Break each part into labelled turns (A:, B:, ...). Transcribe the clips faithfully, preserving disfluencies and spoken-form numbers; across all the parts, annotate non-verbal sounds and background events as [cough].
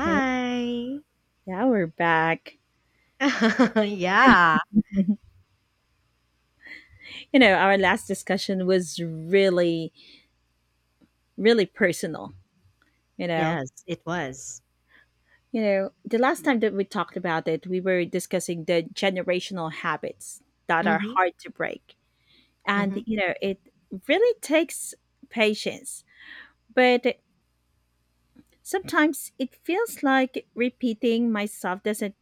A: Okay, now we're back.
B: [laughs] Yeah.
A: [laughs] You know, our last discussion was really, really personal. You know,
B: Yes, it was.
A: you know, the last time that we talked about it, we were discussing the generational habits that are
B: Mhm,
A: hard to break, and
B: mhm,
A: you know, it really takes patience. But sometimes it feels like repeating myself doesn't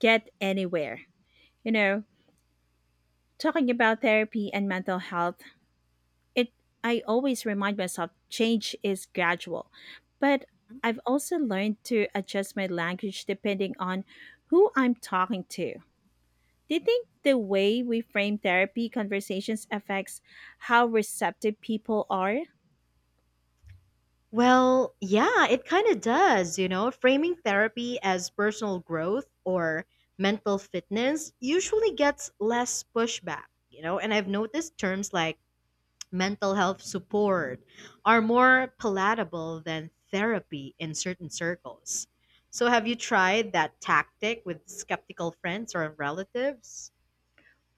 A: get anywhere. You know, talking about therapy and mental health it I always remind myself change is gradual. But
B: mhm.
A: I've also learned to adjust my language depending on who I'm talking to. Do you think the way we frame therapy conversations affects how receptive people are?
B: Well, yeah, it kinda does, you know? Framing therapy as personal growth or mental fitness usually gets less pushback, you know? And I've noticed terms like mental health support are more palatable than therapy in certain circles. So have you tried that tactic with skeptical friends or relatives?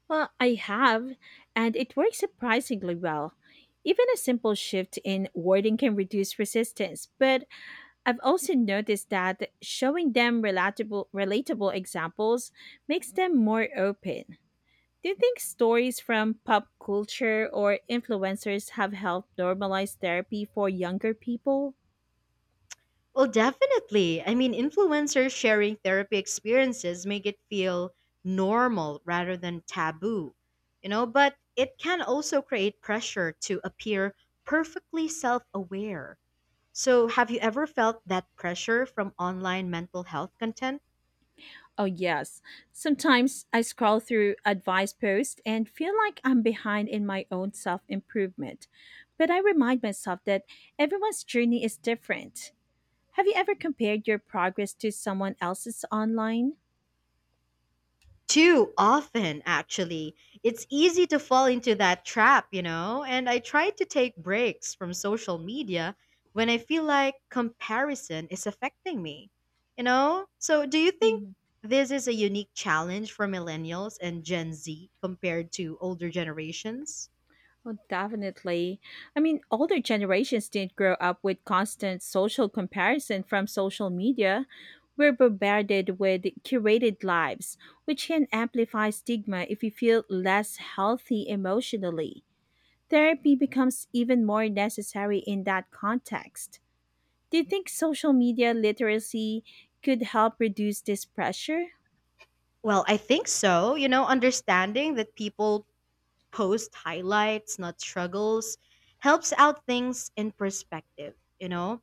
A: Well, I have, and it works surprisingly well. Even a simple shift in wording can reduce resistance, but I've also noticed that showing them relatable, relatable examples makes them more open. Do you think stories from pop culture or influencers have helped normalize therapy for younger people?
B: Well, definitely. I mean, influencers sharing therapy experiences make it feel normal rather than taboo, you know, but it can also create pressure to appear perfectly self aware. So, have you ever felt that pressure from online mental health content?
A: Oh, yes. Sometimes I scroll through advice posts and feel like I'm behind in my own self improvement. But I remind myself that everyone's journey is different. Have you ever compared your progress to someone else's online?
B: Too often, actually. It's easy to fall into that trap, you know? And I try to take breaks from social media when I feel like comparison is affecting me, you know? So, do you think this is a unique challenge for millennials and Gen Z compared to older generations?
A: Oh, definitely. I mean, older generations didn't grow up with constant social comparison from social media. We're bombarded with curated lives, which can amplify stigma if we feel less healthy emotionally. Therapy becomes even more necessary in that context. Do you think social media literacy could help reduce this pressure?
B: Well, I think so. You know, understanding that people post highlights, not struggles, helps out things in perspective, you know?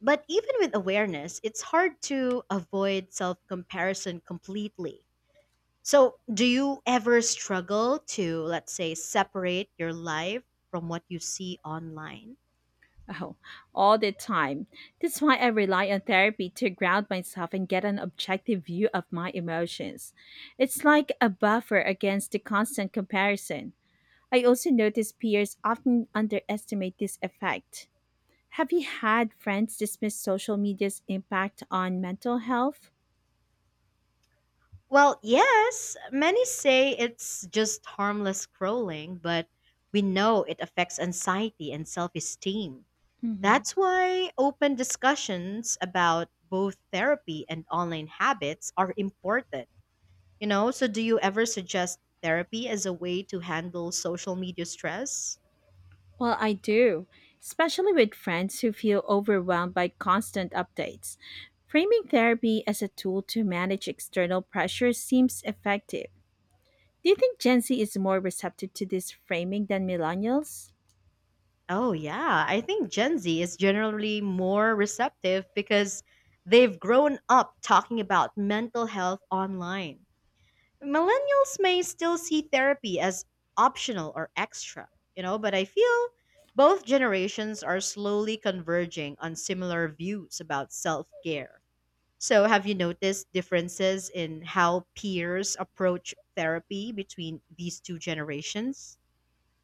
B: But even with awareness, it's hard to avoid self comparison completely. So, do you ever struggle to, let's say, separate your life from what you see online?
A: Oh, all the time. That's why I rely on therapy to ground myself and get an objective view of my emotions. It's like a buffer against the constant comparison. I also notice peers often underestimate this effect. Have you had friends dismiss social media's impact on mental health?
B: Well, yes, many say it's just harmless scrolling, but we know it affects anxiety and self esteem.
A: Mhm.
B: That's why open discussions about both therapy and online habits are important. You know, so do you ever suggest therapy as a way to handle social media stress?
A: Well, I do, especially with friends who feel overwhelmed by constant updates. Framing therapy as a tool to manage external pressure seems effective. Do you think Gen Z is more receptive to this framing than millennials?
B: Oh, yeah. I think Gen Z is generally more receptive because they've grown up talking about mental health online. Millennials may still see therapy as optional or extra, you know, but I feel both generations are slowly converging on similar views about self care. So, have you noticed differences in how peers approach therapy between these two generations?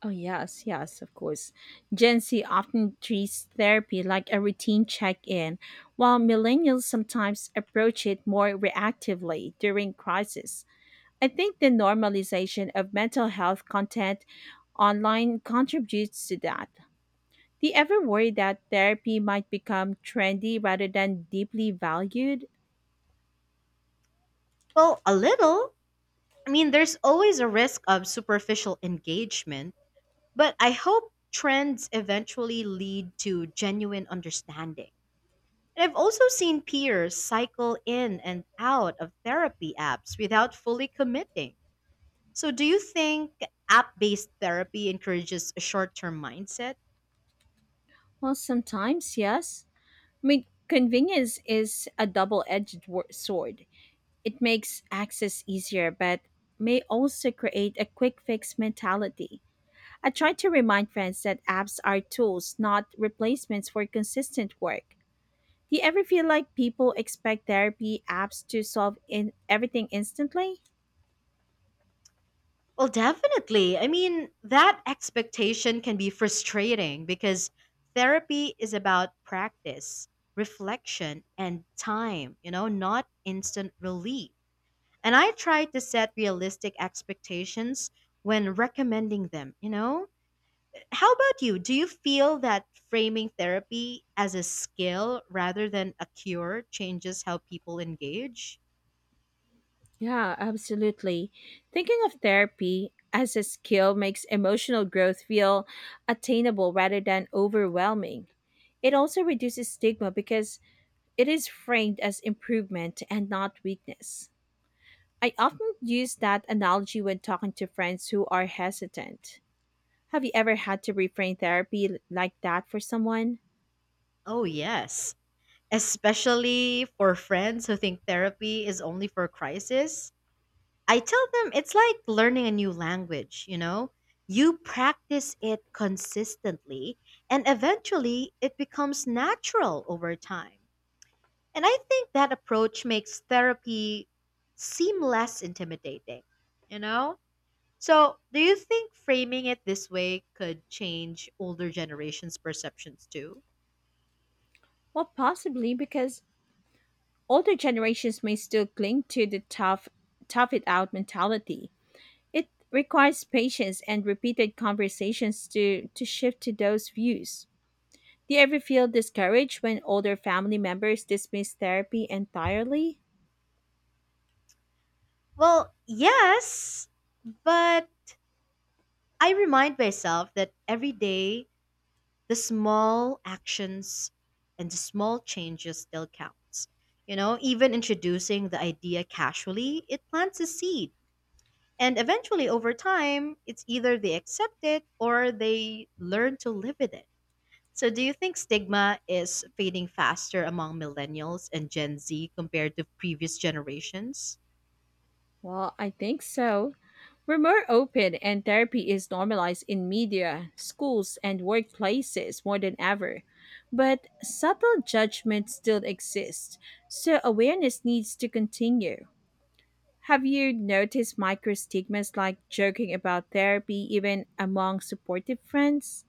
A: Oh, yes, yes, of course. Gen Z often treats therapy like a routine check in, while millennials sometimes approach it more reactively during crisis. I think the normalization of mental health content online contributes to that. Do you ever worry that therapy might become trendy rather than deeply valued?
B: Well, a little. I mean, there's always a risk of superficial engagement, but I hope trends eventually lead to genuine understanding. And I've also seen peers cycle in and out of therapy apps without fully committing. So, do you think app based therapy encourages a short term mindset?
A: Well, sometimes, yes. I mean, convenience is a double edged sword. It makes access easier, but may also create a quick fix mentality. I try to remind friends that apps are tools, not replacements for consistent work. Do you ever feel like people expect therapy apps to solve in everything instantly?
B: Well, definitely. I mean, that expectation can be frustrating because therapy is about practice, reflection, and time, you know, not instant relief. And I try to set realistic expectations when recommending them, you know? How about you? Do you feel that framing therapy as a skill rather than a cure changes how people engage?
A: Yeah, absolutely. Thinking of therapy as a skill makes emotional growth feel attainable rather than overwhelming. It also reduces stigma because it is framed as improvement and not weakness. I often use that analogy when talking to friends who are hesitant. Have you ever had to reframe therapy like that for someone?
B: Oh, yes, especially for friends who think therapy is only for crisis. I tell them it's like learning a new language, you know? You practice it consistently, and eventually it becomes natural over time. And I think that approach makes therapy seem less intimidating, you know? So, do you think framing it this way could change older generations' perceptions too?
A: Well, possibly because older generations may still cling to the tough, tough it out mentality. It requires patience and repeated conversations to, to shift to those views. Do you ever feel discouraged when older family members dismiss therapy entirely?
B: Well, yes, but I remind myself that every day the small actions and the small changes still counts. You know, even introducing the idea casually, it plants a seed. And eventually over time, it's either they accept it or they learn to live with it. So do you think stigma is fading faster among millennials and Gen Z compared to previous generations?
A: Well, I think so. We're more open, and therapy is normalized in media, schools, and workplaces more than ever. But subtle judgment still exists, so awareness needs to continue. Have you noticed micro stigmas like joking about therapy even among supportive friends?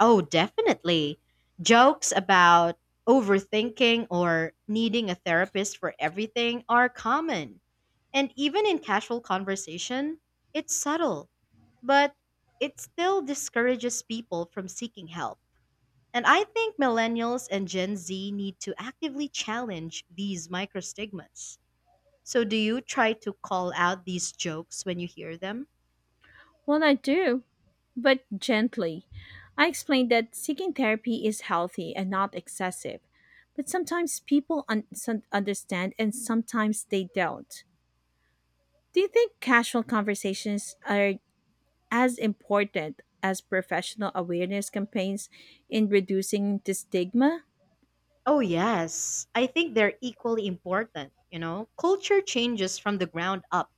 B: Oh, definitely. Jokes about overthinking or needing a therapist for everything are common. And even in casual conversation, it's subtle, but it still discourages people from seeking help. And I think millennials and Gen Z need to actively challenge these microstigmas. So, do you try to call out these jokes when you hear them?
A: Well, I do, but gently. I explained that seeking therapy is healthy and not excessive, but sometimes people un- sun- understand and sometimes they don't. Do you think casual conversations are as important as professional awareness campaigns in reducing the stigma?
B: Oh, yes. I think they're equally important. You know, culture changes from the ground up,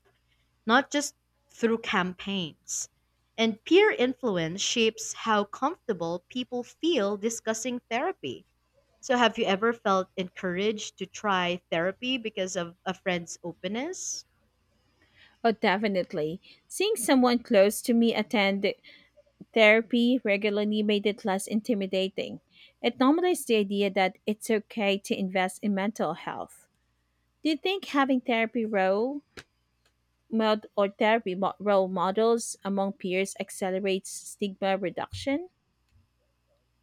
B: not just through campaigns. And peer influence shapes how comfortable people feel discussing therapy. So, have you ever felt encouraged to try therapy because of a friend's openness?
A: Oh, definitely. Seeing someone close to me attend therapy regularly made it less intimidating. It normalized the idea that it's okay to invest in mental health. Do you think having therapy role mod- or therapy mo- role models among peers accelerates stigma reduction?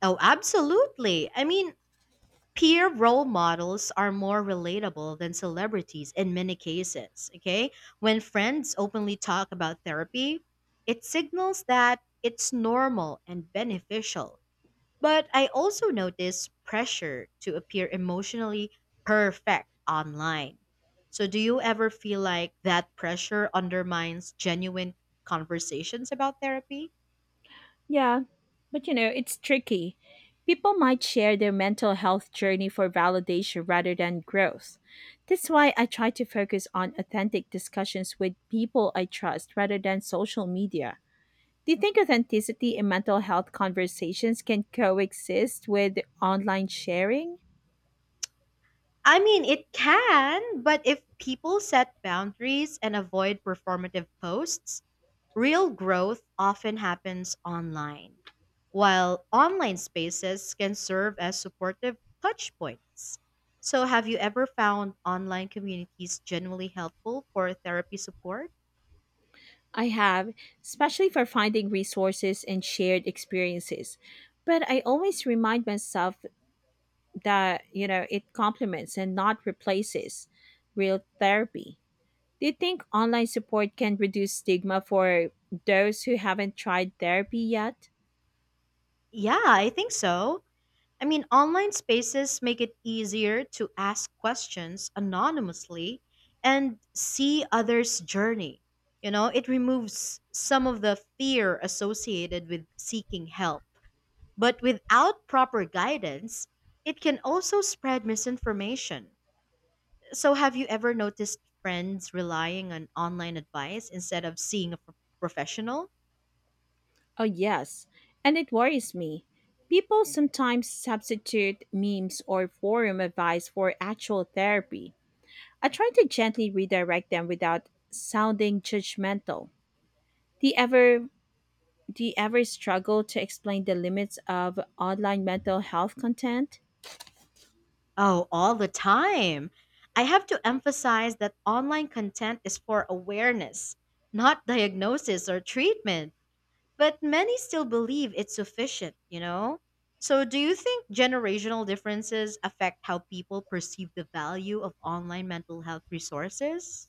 B: Oh, absolutely. I mean, peer role models are more relatable than celebrities in many cases. Okay. When friends openly talk about therapy, it signals that it's normal and beneficial. But I also notice pressure to appear emotionally perfect online. So, do you ever feel like that pressure undermines genuine conversations about therapy?
A: Yeah, but you know, it's tricky. People might share their mental health journey for validation rather than growth. That's why I try to focus on authentic discussions with people I trust rather than social media. Do you think authenticity in mental health conversations can coexist with online sharing?
B: I mean, it can, but if people set boundaries and avoid performative posts, real growth often happens online, while online spaces can serve as supportive touch points. So, have you ever found online communities generally helpful for therapy support?
A: I have, especially for finding resources and shared experiences. But I always remind myself that, you know, it complements and not replaces real therapy. Do you think online support can reduce stigma for those who haven't tried therapy yet?
B: Yeah, I think so. I mean, online spaces make it easier to ask questions anonymously and see others' journey. You know, it removes some of the fear associated with seeking help. But without proper guidance, it can also spread misinformation. So, have you ever noticed friends relying on online advice instead of seeing a pro- professional?
A: Oh, yes, and it worries me. People sometimes substitute memes or forum advice for actual therapy. I try to gently redirect them without sounding judgmental. Do you ever do you ever struggle to explain the limits of online mental health content?
B: Oh, all the time. I have to emphasize that online content is for awareness, not diagnosis or treatment. But many still believe it's sufficient, you know? So, do you think generational differences affect how people perceive the value of online mental health resources?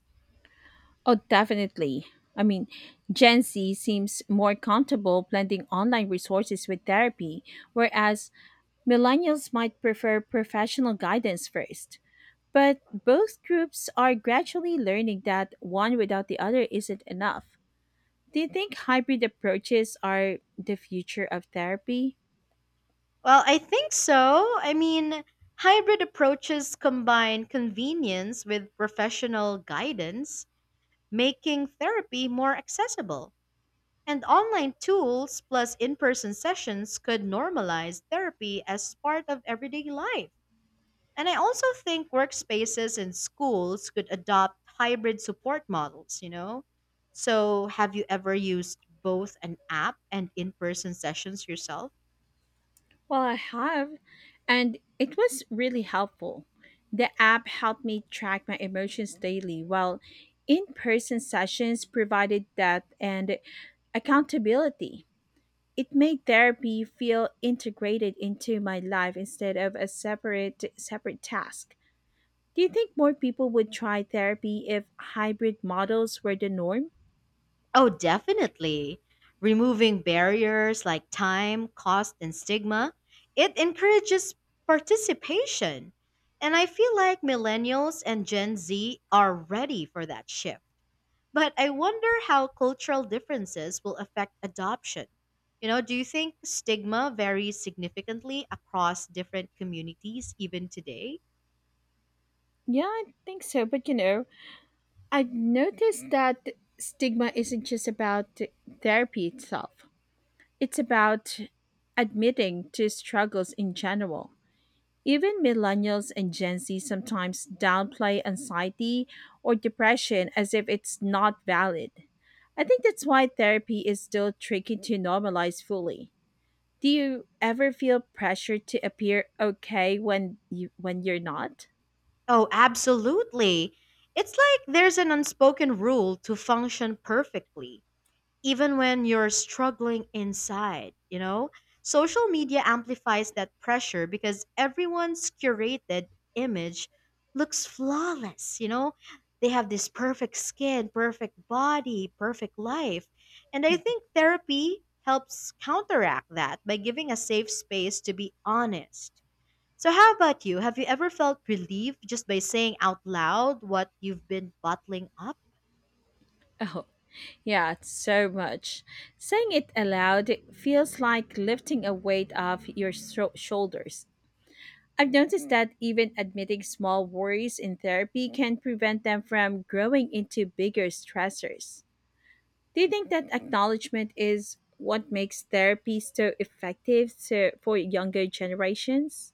A: Oh, definitely. I mean, Gen Z seems more comfortable blending online resources with therapy, whereas millennials might prefer professional guidance first. But both groups are gradually learning that one without the other isn't enough. Do you think hybrid approaches are the future of therapy?
B: Well, I think so. I mean, hybrid approaches combine convenience with professional guidance, making therapy more accessible. And online tools plus in person sessions could normalize therapy as part of everyday life. And I also think workspaces and schools could adopt hybrid support models, you know? So, have you ever used both an app and in person sessions yourself?
A: Well, I have, and it was really helpful. The app helped me track my emotions daily, while in person sessions provided depth and accountability. It made therapy feel integrated into my life instead of a separate separate task. Do you think more people would try therapy if hybrid models were the norm?
B: Oh, definitely. Removing barriers like time, cost, and stigma, it encourages participation. And I feel like millennials and Gen Z are ready for that shift. But I wonder how cultural differences will affect adoption. You know, do you think stigma varies significantly across different communities even today?
A: Yeah, I think so. But you know, I've noticed that stigma isn't just about therapy itself, it's about admitting to struggles in general. Even millennials and Gen Z sometimes downplay anxiety or depression as if it's not valid. I think that's why therapy is still tricky to normalize fully. Do you ever feel pressure to appear okay when you when you're not?
B: Oh, absolutely. It's like there's an unspoken rule to function perfectly even when you're struggling inside, you know? Social media amplifies that pressure because everyone's curated image looks flawless, you know? They have this perfect skin, perfect body, perfect life. And I think therapy helps counteract that by giving a safe space to be honest. So, how about you? Have you ever felt relieved just by saying out loud what you've been bottling up?
A: Oh, yeah, so much. Saying it aloud feels like lifting a weight off your sho- shoulders. I've noticed Mm. that even admitting small worries in therapy can prevent them from growing into bigger stressors. Do you think that acknowledgement is what makes therapy so effective so for younger generations?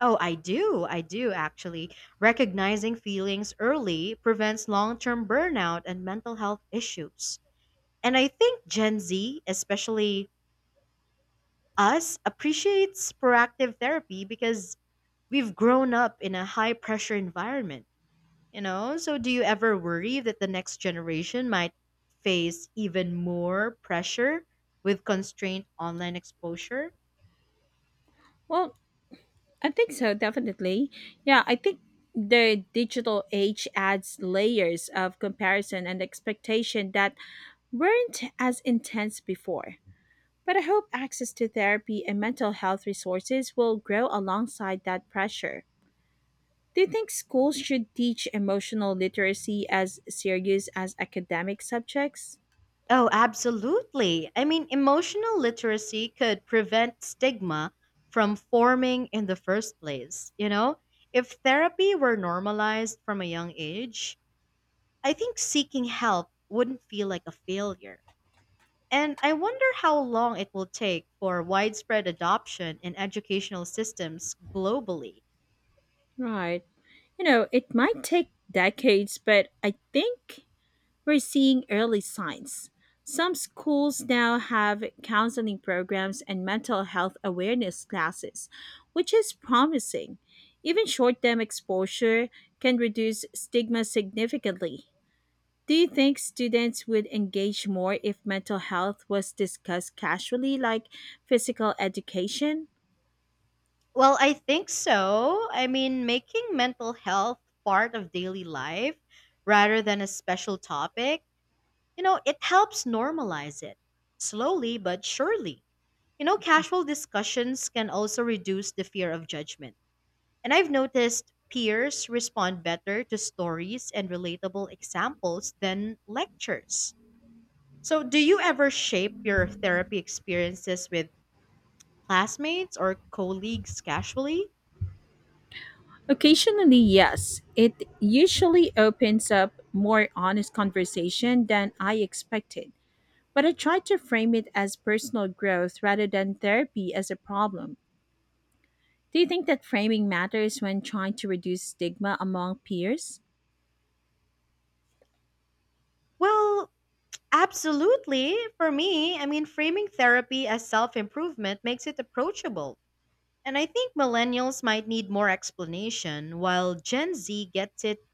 B: Oh, I do. I do actually. Recognizing feelings early prevents long term burnout and mental health issues. And I think Gen Z, especially us, appreciates proactive therapy because we've grown up in a high pressure environment, you know? So, do you ever worry that the next generation might face even more pressure with constrained online exposure?
A: Well, I think so, definitely. Yeah, I think the digital age adds layers of comparison and expectation that weren't as intense before. But I hope access to therapy and mental health resources will grow alongside that pressure. Do you think schools should teach emotional literacy as serious as academic subjects?
B: Oh, absolutely. I mean, emotional literacy could prevent stigma from forming in the first place. You know, if therapy were normalized from a young age, I think seeking help wouldn't feel like a failure. And I wonder how long it will take for widespread adoption in educational systems globally.
A: Right. You know, it might take decades, but I think we're seeing early signs. Some schools now have counseling programs and mental health awareness classes, which is promising. Even short term exposure can reduce stigma significantly. Do you think students would engage more if mental health was discussed casually, like physical education?
B: Well, I think so. I mean, making mental health part of daily life rather than a special topic. You know, it helps normalize it slowly but surely. You know, casual discussions can also reduce the fear of judgment. And I've noticed peers respond better to stories and relatable examples than lectures. So, do you ever shape your therapy experiences with classmates or colleagues casually?
A: Occasionally, yes. It usually opens up more honest conversation than I expected. But I tried to frame it as personal growth rather than therapy as a problem. Do you think that framing matters when trying to reduce stigma among peers?
B: Well, absolutely. For me, I mean, framing therapy as self improvement makes it approachable. And I think millennials might need more explanation while Gen Z gets it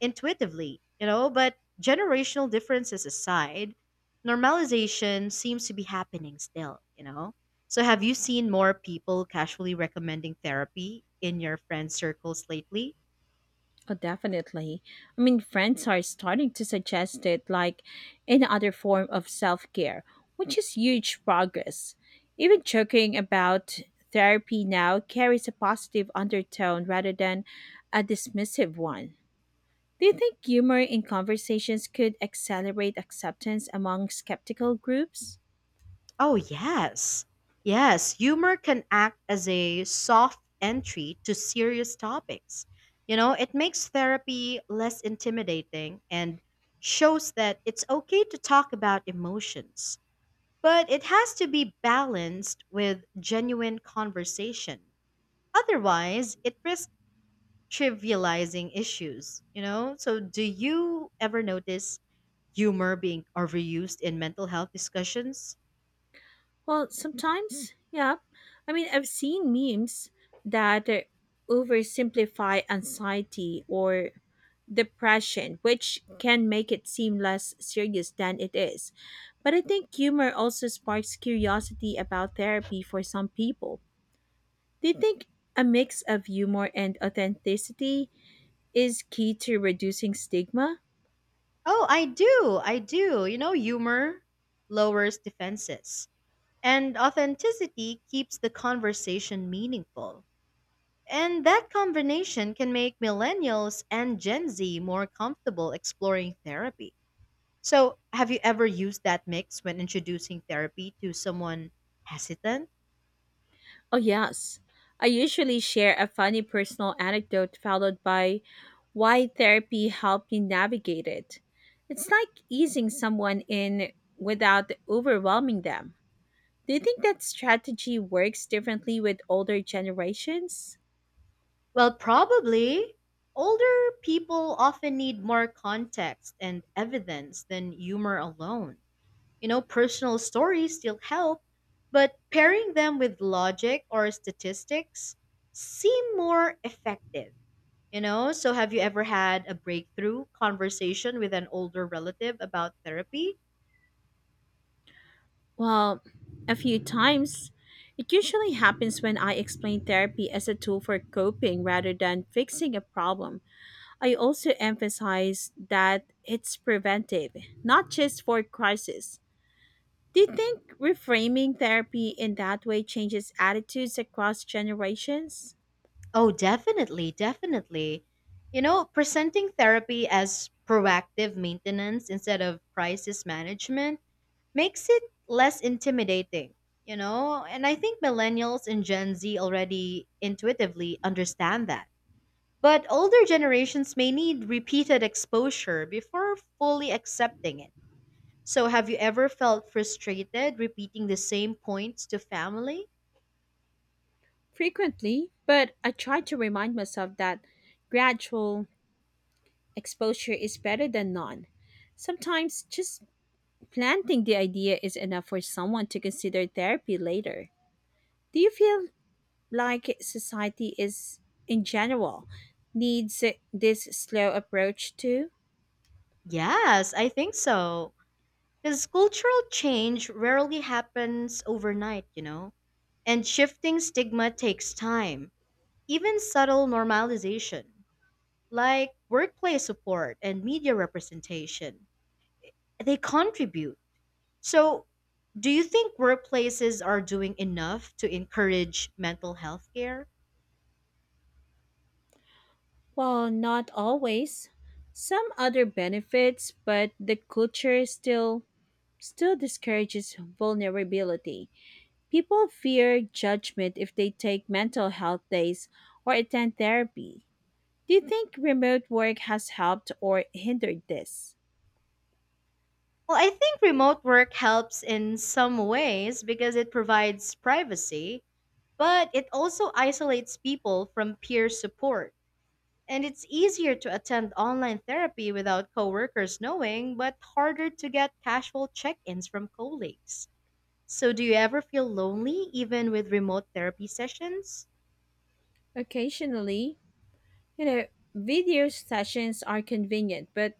B: intuitively, you know, but generational differences aside, normalization seems to be happening still, you know. So have you seen more people casually recommending therapy in your friend circles lately?
A: Oh, definitely. I mean, friends are starting to suggest it like any other form of self care, which is huge progress. Even joking about therapy now carries a positive undertone rather than a dismissive one. Do you think humor in conversations could accelerate acceptance among skeptical groups?
B: Oh, yes. Yes, humor can act as a soft entry to serious topics. You know, it makes therapy less intimidating and shows that it's okay to talk about emotions. But it has to be balanced with genuine conversation. Otherwise, it risks trivializing issues, you know? So, do you ever notice humor being overused in mental health discussions?
A: Well, sometimes, yeah. I mean, I've seen memes that uh, oversimplify anxiety or depression, which can make it seem less serious than it is. But I think humor also sparks curiosity about therapy for some people. Do you think a mix of humor and authenticity is key to reducing stigma?
B: Oh, I do. I do. You know, humor lowers defenses, and authenticity keeps the conversation meaningful. And that combination can make millennials and Gen Z more comfortable exploring therapy. So, have you ever used that mix when introducing therapy to someone hesitant?
A: Oh, yes. I usually share a funny personal anecdote followed by why therapy helped me navigate it. It's like easing someone in without overwhelming them. Do you think that strategy works differently with older generations?
B: Well, probably. Older people often need more context and evidence than humor alone. You know, personal stories still help, but pairing them with logic or statistics seem more effective. You know, so have you ever had a breakthrough conversation with an older relative about therapy?
A: Well, a few times. It usually happens when I explain therapy as a tool for coping rather than fixing a problem. I also emphasize that it's preventive, not just for crisis. Do you think reframing therapy in that way changes attitudes across generations?
B: Oh, definitely, definitely. You know, presenting therapy as proactive maintenance instead of crisis management makes it less intimidating, you know? And I think millennials and Gen Z already intuitively understand that. But older generations may need repeated exposure before fully accepting it. So, have you ever felt frustrated repeating the same points to family?
A: Frequently, but I try to remind myself that gradual exposure is better than none. Sometimes just planting the idea is enough for someone to consider therapy later. Do you feel like society is, in general, needs this slow approach too?
B: Yes, I think so. Because cultural change rarely happens overnight, you know? And shifting stigma takes time, even subtle normalization, like workplace support and media representation. They contribute. So, do you think workplaces are doing enough to encourage mental health care?
A: Well, not always. Some other benefits, but the culture still still discourages vulnerability. People fear judgment if they take mental health days or attend therapy. Do you think remote work has helped or hindered this?
B: Well, I think remote work helps in some ways because it provides privacy, but it also isolates people from peer support. And it's easier to attend online therapy without coworkers knowing, but harder to get casual check ins from colleagues. So, do you ever feel lonely even with remote therapy sessions?
A: Occasionally, you know, video sessions are convenient, but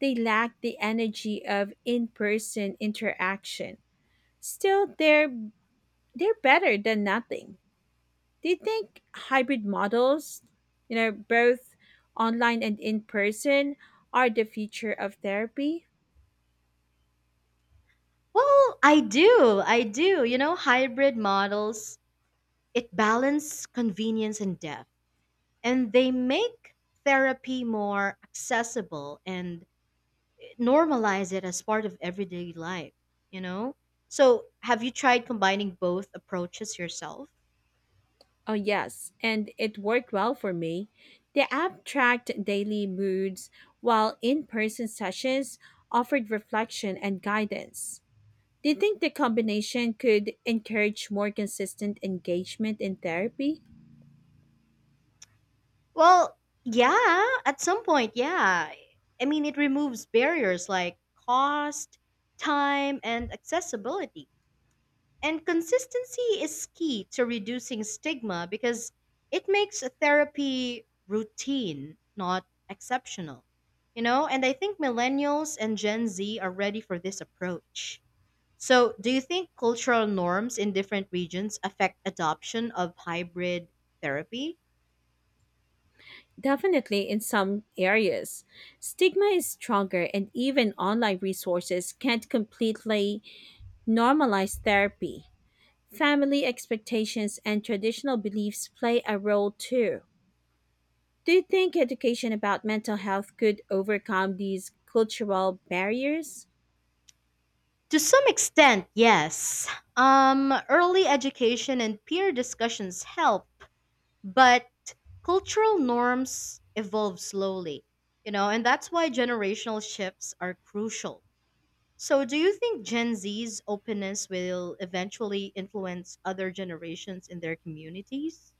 A: they lack the energy of in-person interaction. Still, they're they're better than nothing. Do you think hybrid models, you know, both online and in person, are the future of therapy?
B: Well, I do. I do. You know, hybrid models, it balance convenience and depth, and they make therapy more accessible and normalize it as part of everyday life, you know? So, have you tried combining both approaches yourself?
A: Oh, yes, and it worked well for me. The app tracked daily moods, while in person sessions offered reflection and guidance. Do you think the combination could encourage more consistent engagement in therapy?
B: Well, yeah, at some point, yeah. I mean, it removes barriers like cost, time, and accessibility. And consistency is key to reducing stigma because it makes therapy routine, not exceptional. You know, and I think millennials and Gen Z are ready for this approach. So, do you think cultural norms in different regions affect adoption of hybrid therapy?
A: Definitely in some areas. Stigma is stronger, and even online resources can't completely normalized therapy, family expectations, and traditional beliefs play a role too. Do you think education about mental health could overcome these cultural barriers?
B: To some extent, yes. Um, early education and peer discussions help, but cultural norms evolve slowly, you know, and that's why generational shifts are crucial. So, do you think Gen Z's openness will eventually influence other generations in their communities?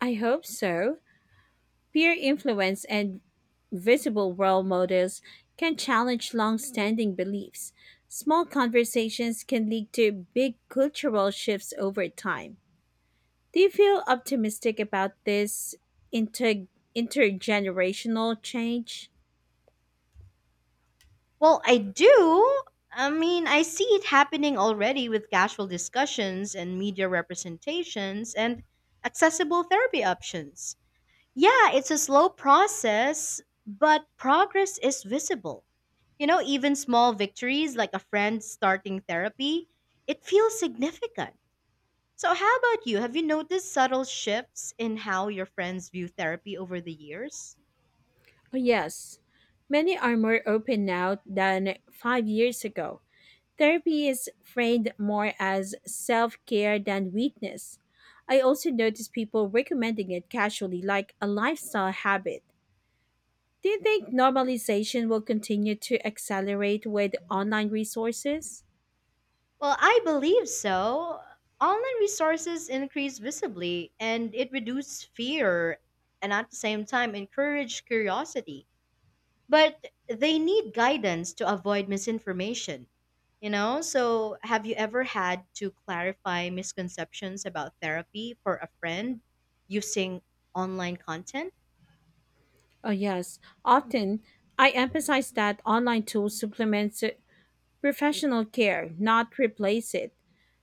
A: I hope so. Peer influence and visible role models can challenge long standing beliefs. Small conversations can lead to big cultural shifts over time. Do you feel optimistic about this inter- intergenerational change?
B: Well, I do. I mean, I see it happening already with casual discussions and media representations and accessible therapy options. Yeah, it's a slow process, but progress is visible. You know, even small victories like a friend starting therapy, it feels significant. So, how about you? Have you noticed subtle shifts in how your friends view therapy over the years?
A: Oh, yes, many are more open now than five years ago. Therapy is framed more as self care than weakness. I also notice people recommending it casually, like a lifestyle habit. Do you think normalization will continue to accelerate with online resources?
B: Well, I believe so. Online resources increase visibly and it reduces fear and at the same time encourage curiosity, but they need guidance to avoid misinformation. You know, so have you ever had to clarify misconceptions about therapy for a friend using online content?
A: Oh, yes. Often, I emphasize that online tools supplement professional care, not replace it.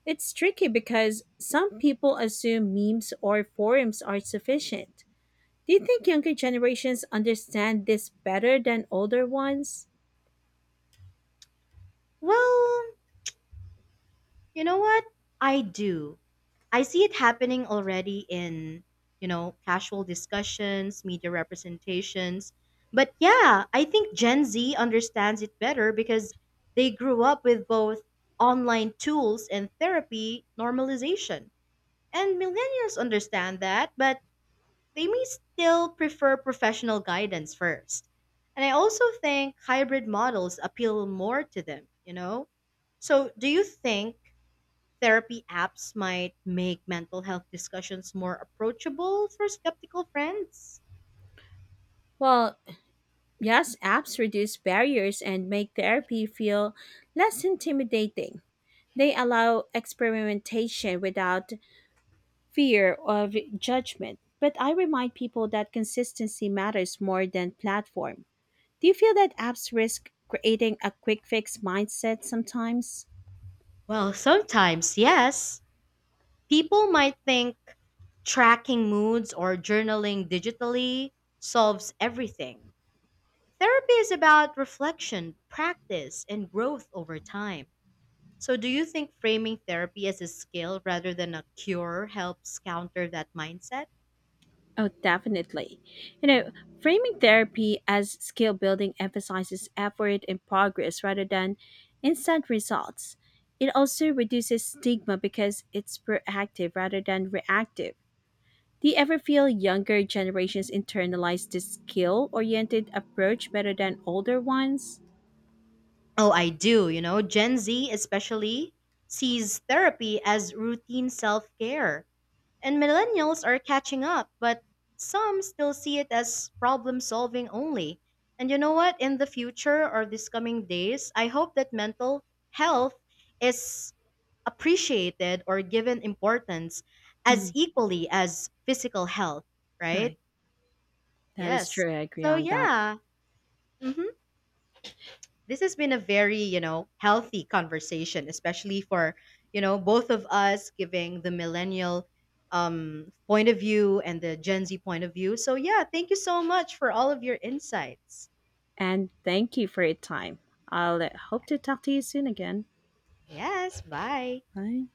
A: It's tricky because some people assume memes or forums are sufficient. Do you think younger generations understand this better than older ones?
B: Well, you know what? I do. I see it happening already in, you know, casual discussions, media representations. But yeah, I think Gen Z understands it better because they grew up with both online tools and therapy normalization. And millennials understand that, but they may still prefer professional guidance first. And I also think hybrid models appeal more to them, you know? So, do you think therapy apps might make mental health discussions more approachable for skeptical friends?
A: Well, yes, apps reduce barriers and make therapy feel less intimidating. They allow experimentation without fear of judgment. But I remind people that consistency matters more than platform. Do you feel that apps risk creating a quick fix mindset sometimes?
B: Well, sometimes, yes. People might think tracking moods or journaling digitally solves everything. Therapy is about reflection, practice, and growth over time. So, do you think framing therapy as a skill rather than a cure helps counter that mindset?
A: Oh, definitely. You know, framing therapy as skill building emphasizes effort and progress rather than instant results. It also reduces stigma because it's proactive rather than reactive. Do you ever feel younger generations internalize this skill oriented approach better than older ones?
B: Oh, I do. You know, Gen Z especially sees therapy as routine self care. And millennials are catching up, but some still see it as problem solving only. And you know what? In the future or these coming days, I hope that mental health is appreciated or given importance as
A: Mm,
B: equally as physical health, right?
A: right. That is
B: Yes.
A: true. I agree
B: So,
A: on that.
B: yeah. hmm This has been a very, you know, healthy conversation, especially for, you know, both of us giving the millennial um, point of view and the Gen Z point of view. So, yeah, thank you so much for all of your insights.
A: And thank you for your time. I'll uh, hope to talk to you soon again.
B: Yes, bye.
A: Bye.